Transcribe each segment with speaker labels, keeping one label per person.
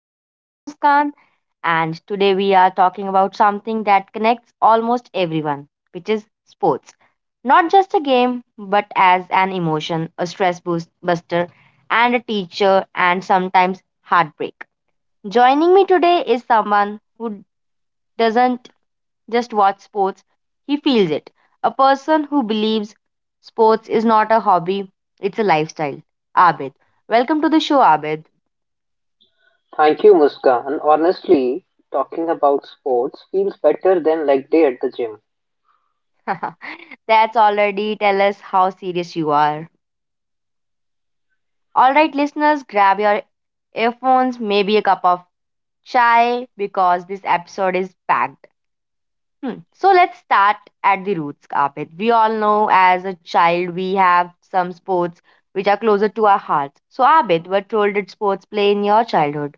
Speaker 1: I'm your host, Muskan, and today we are talking about something that connects almost everyone, which is sports. Not just a game, but as an emotion, a stress boost buster, and a teacher, and sometimes heartbreak. Joining me today is someone who doesn't just watch sports. He feels it. A person who believes sports is not a hobby, it's a lifestyle. Abid. Welcome to the show, Abid.
Speaker 2: Thank you, Muskan. Honestly, talking about sports feels better than like day at the gym.
Speaker 1: That's already tell us how serious you are. All right, listeners, grab your earphones, maybe a cup of chai, because this episode is packed. Hmm. So let's start at the roots, Abid. We all know as a child we have some sports which are closer to our hearts. So, Abid, what role did sports play in your childhood?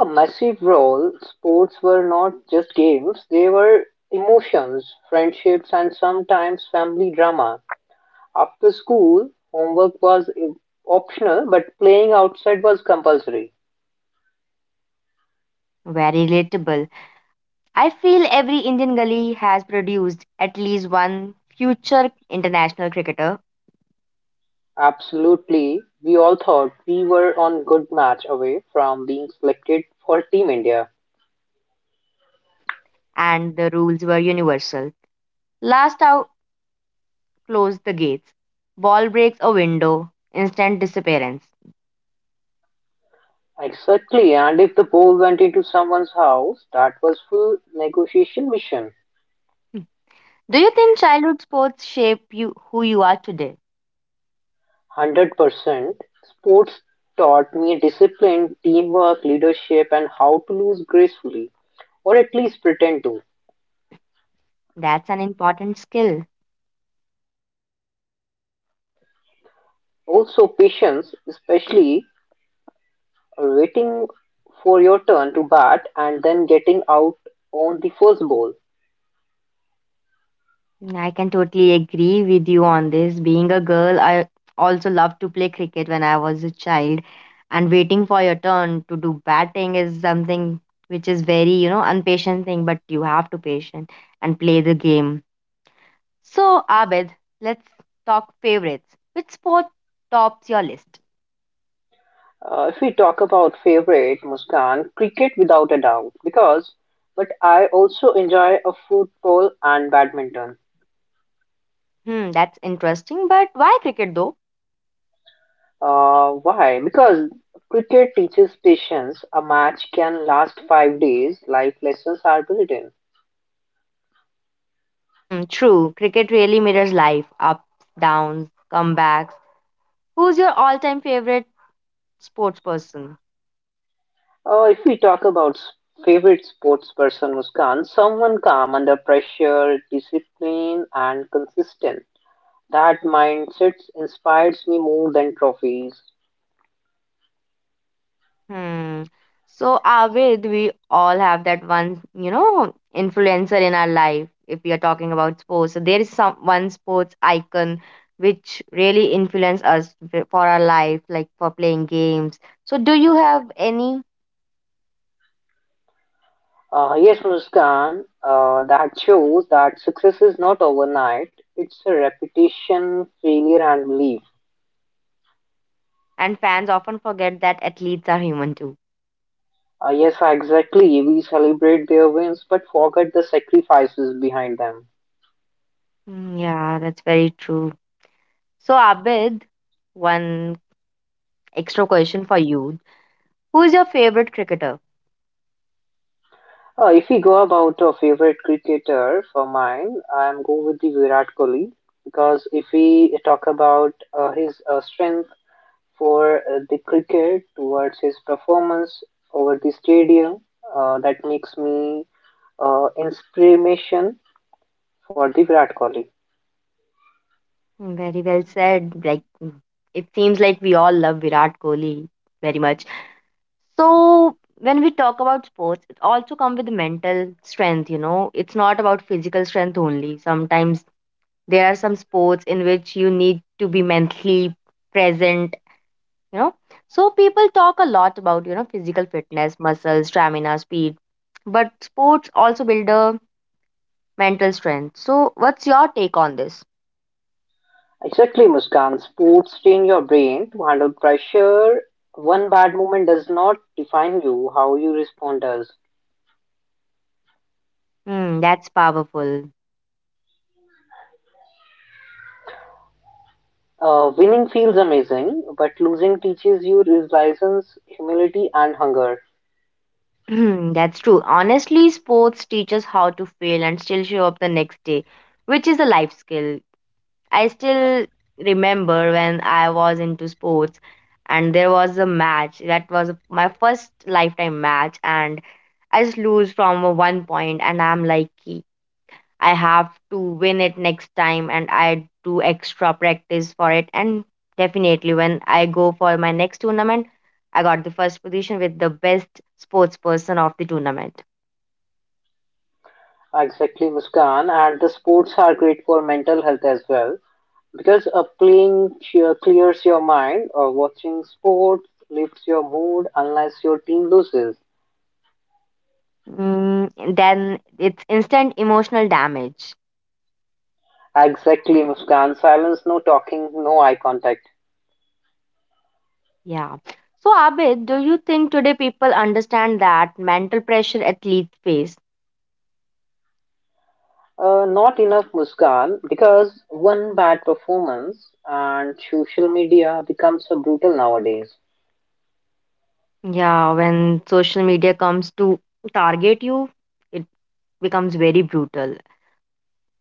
Speaker 2: A massive role, sports were not just games, they were emotions, friendships, and sometimes family drama. After school, homework was optional, but playing outside was compulsory.
Speaker 1: Very relatable. I feel every Indian gully has produced at least one future international cricketer,
Speaker 2: Absolutely, we all thought we were on good match away from being selected for Team India.
Speaker 1: and the rules were universal. Last out, close the gates. Ball breaks a window, instant disappearance.
Speaker 2: Exactly, and if the ball went into someone's house, that was full negotiation mission.
Speaker 1: Do you think childhood sports shape you who you are today?
Speaker 2: 100%. Sports taught me discipline, teamwork, leadership, and how to lose gracefully, or at least pretend to.
Speaker 1: That's an important skill.
Speaker 2: Also, patience, especially waiting for your turn to bat and then getting out on the first ball.
Speaker 1: I can totally agree with you on this. Being a girl, I also loved to play cricket when I was a child, and waiting for your turn to do batting is something which is very, you know, impatient thing, but you have to patient and play the game. So, Abed, let's talk favorites. Which sport tops your list?
Speaker 2: If we talk about favorite, Muskan, cricket without a doubt, because but I also enjoy a football and badminton.
Speaker 1: Hmm, that's interesting, but why cricket though?
Speaker 2: Why? Because cricket teaches patience. A match can last 5 days. Life lessons are built in.
Speaker 1: Hmm, true. Cricket really mirrors life, ups, downs, comebacks. Who's your all-time favorite sports person?
Speaker 2: If we talk about favorite sports person, Muskan, someone calm under pressure, disciplined, and consistent. That mindset inspires me more than trophies.
Speaker 1: Hmm. So, Abid, we all have that one, you know, influencer in our life. If we are talking about sports, so there is some one sports icon which really influence us for our life, like for playing games. So, do you have any?
Speaker 2: Yes, Muskan, that shows that success is not overnight. It's a repetition, failure, and belief.
Speaker 1: And fans often forget that athletes are human too.
Speaker 2: Yes, exactly. We celebrate their wins but forget the sacrifices behind them.
Speaker 1: Mm, yeah, that's very true. So, Abid, one extra question for you. Who is your favorite cricketer?
Speaker 2: If we go about a favorite cricketer for mine, I'm going with the Virat Kohli because if we talk about his strength for the cricket towards his performance over the stadium, that makes me inspiration for the Virat Kohli.
Speaker 1: Very well said. Like it seems like we all love Virat Kohli very much. So when we talk about sports, it also comes with mental strength, you know. It's not about physical strength only. Sometimes there are some sports in which you need to be mentally present, you know. So people talk a lot about, you know, physical fitness, muscle, stamina, speed, but sports also build a mental strength. So what's your take on this?
Speaker 2: Exactly, Muskan. Sports train your brain to handle pressure. One bad moment does not define you, how you respond does.
Speaker 1: Hmm, that's powerful.
Speaker 2: Winning feels amazing, but losing teaches you resilience, humility, and hunger.
Speaker 1: Hmm, that's true. Honestly, sports teaches how to fail and still show up the next day, which is a life skill. I still remember when I was into sports and there was a match that was my first lifetime match and I just lose from a 1 point and I'm like I have to win it next time and I do extra practice for it. And definitely, when I go for my next tournament, I got the first position with the best sports person of the tournament.
Speaker 2: Exactly, Muskan. And the sports are great for mental health as well because playing cheer clears your mind, or watching sports lifts your mood unless your team loses.
Speaker 1: Mm, then it's instant emotional damage.
Speaker 2: Exactly, Muskan. Silence, no talking, no eye contact.
Speaker 1: Yeah. So, Abid, do you think today people understand that mental pressure athletes face?
Speaker 2: Not enough, Muskan, because one bad performance and social media becomes so brutal nowadays.
Speaker 1: Yeah, when social media comes to target you, it becomes very brutal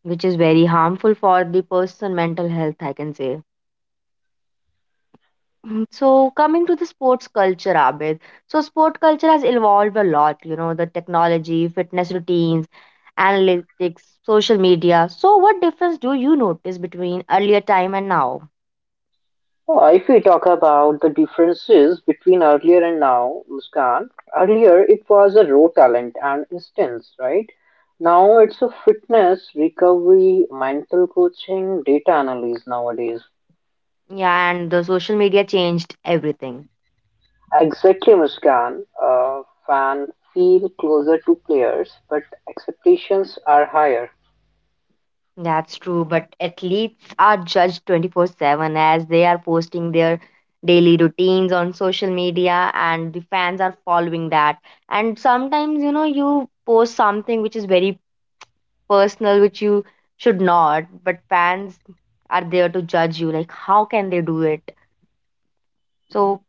Speaker 1: which is very harmful for the person mental health I can say. Mhm. So coming to the sports culture, Abid, so sport culture has evolved a lot, you know, the technology, fitness routines, analytics, social media, so what difference do you notice between earlier time and now?
Speaker 2: If we talk about the differences between earlier and now, Muskan, earlier it was a raw talent and instance, right? Now it's a fitness, recovery, mental coaching, data analysis nowadays.
Speaker 1: Yeah, and the social media changed everything.
Speaker 2: Exactly, Muskan. Fan feel closer to players, but expectations are higher.
Speaker 1: That's true, but athletes are judged 24/7 as they are posting their daily routines on social media and the fans are following that. And sometimes, you know, you post something which is very personal, which you should not, but fans are there to judge you. Like, how can they do it? So,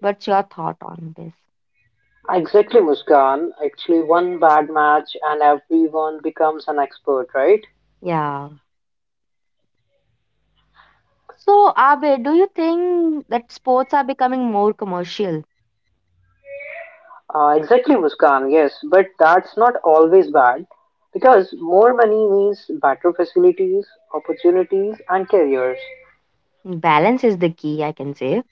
Speaker 1: what's your thought on this?
Speaker 2: Exactly, Muskan. Actually, one bad match and everyone becomes an expert, right?
Speaker 1: Yeah. So, Abhay, do you think that sports are becoming more commercial?
Speaker 2: Exactly, Muskan. Yes, but that's not always bad because more money means better facilities, opportunities, and careers.
Speaker 1: Balance is the key, I can say.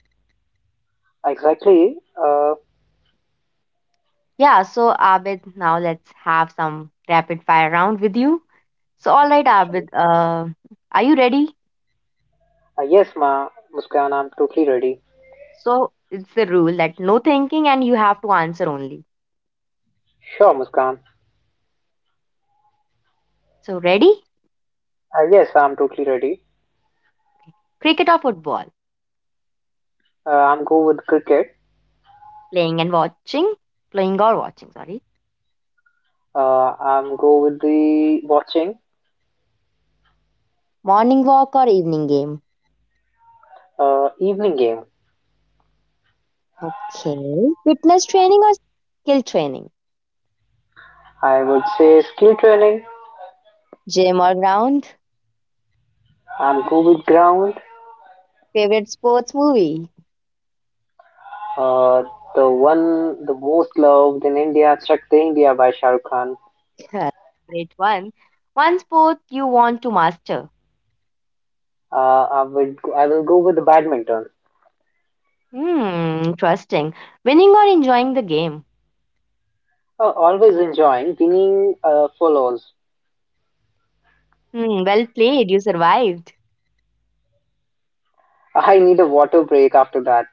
Speaker 2: Exactly.
Speaker 1: Yeah, so Abid, now let's have some rapid fire round with you. So, all right, Abid, are you ready?
Speaker 2: Yes, Muskan, I'm totally ready.
Speaker 1: So, it's the rule that no thinking and you have to answer only.
Speaker 2: Sure, Muskan.
Speaker 1: So, ready?
Speaker 2: Yes, I'm totally ready.
Speaker 1: Cricket or football?
Speaker 2: I'm go with cricket.
Speaker 1: Playing and watching? Playing or watching, sorry.
Speaker 2: I'm go with the watching.
Speaker 1: Morning walk or evening game?
Speaker 2: Evening game.
Speaker 1: Okay. Fitness training or skill training?
Speaker 2: I would say skill training.
Speaker 1: Gym or ground?
Speaker 2: I'm Covid Ground.
Speaker 1: Favorite sports movie?
Speaker 2: Uh, the one, the most loved in India, Chakde India by Shah Rukh Khan.
Speaker 1: Great one. One sport you want to master?
Speaker 2: Uh, I will go with the badminton.
Speaker 1: Hmm, interesting. Winning or enjoying the game?
Speaker 2: Always enjoying, winning follows.
Speaker 1: Hmm, well played. You survived.
Speaker 2: I need a water break after that.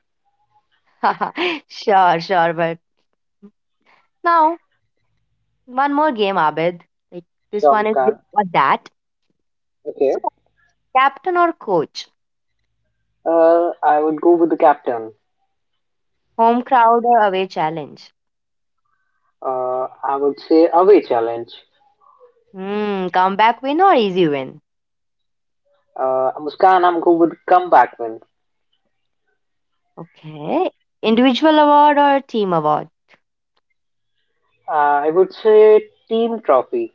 Speaker 1: Sure, sure. But now, one more game, Abid. Like this
Speaker 2: Sure,
Speaker 1: one is this
Speaker 2: Muskan.
Speaker 1: or that. So,
Speaker 2: Okay.
Speaker 1: captain or coach?
Speaker 2: I would go with the captain.
Speaker 1: Home crowd or away challenge?
Speaker 2: I would say away challenge.
Speaker 1: Hmm, comeback win or easy win?
Speaker 2: Muskan, I'm go with comeback win.
Speaker 1: Okay. Individual award or team award?
Speaker 2: Uh, I would say team trophy.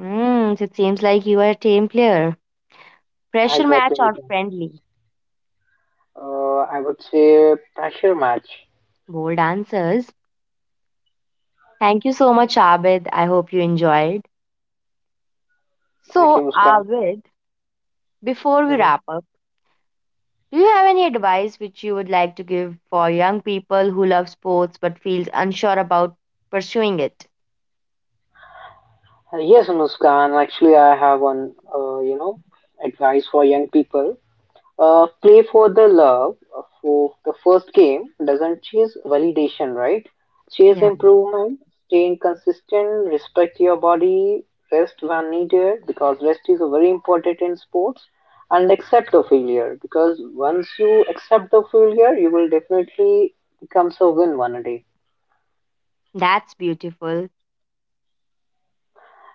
Speaker 1: Hmm, so it seems like you are a team player. Pressure match
Speaker 2: Exactly,
Speaker 1: or
Speaker 2: Muskan.
Speaker 1: friendly?
Speaker 2: I would say pressure match.
Speaker 1: Bold answers. Thank you so much, Abid. I hope you enjoyed.
Speaker 2: Okay,
Speaker 1: So,
Speaker 2: Muskan.
Speaker 1: Abid, before we
Speaker 2: Mhm.
Speaker 1: wrap up, do you have any advice which you would like to give for young people who love sports but feels unsure about pursuing it?
Speaker 2: Yes, Muskan. Actually, I have one, uh, you know, advice for young people. Play for the love. For the first game doesn't chase validation, right? Chase
Speaker 1: Yeah,
Speaker 2: improvement. Staying consistent. Respect your body. Rest when needed because rest is very important in sports. And accept the failure because once you accept the failure, you will definitely become a win one day.
Speaker 1: that's beautiful.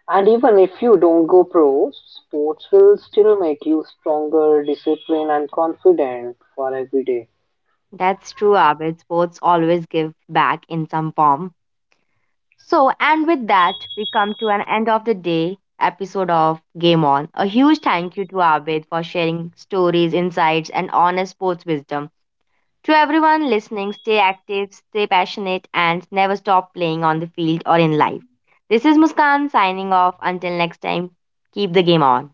Speaker 2: And even if you don't go pro, sports will still make you stronger, disciplined, and confident for every day.
Speaker 1: That's true, Abid. Sports always give back in some form. So, and with that, we come to an end of the day episode of Game On. A huge thank you to Abid for sharing stories, insights, and honest sports wisdom. To everyone listening, stay active, stay passionate, and never stop playing on the field or in life. This is Muskan signing off. Until next time, keep the game on.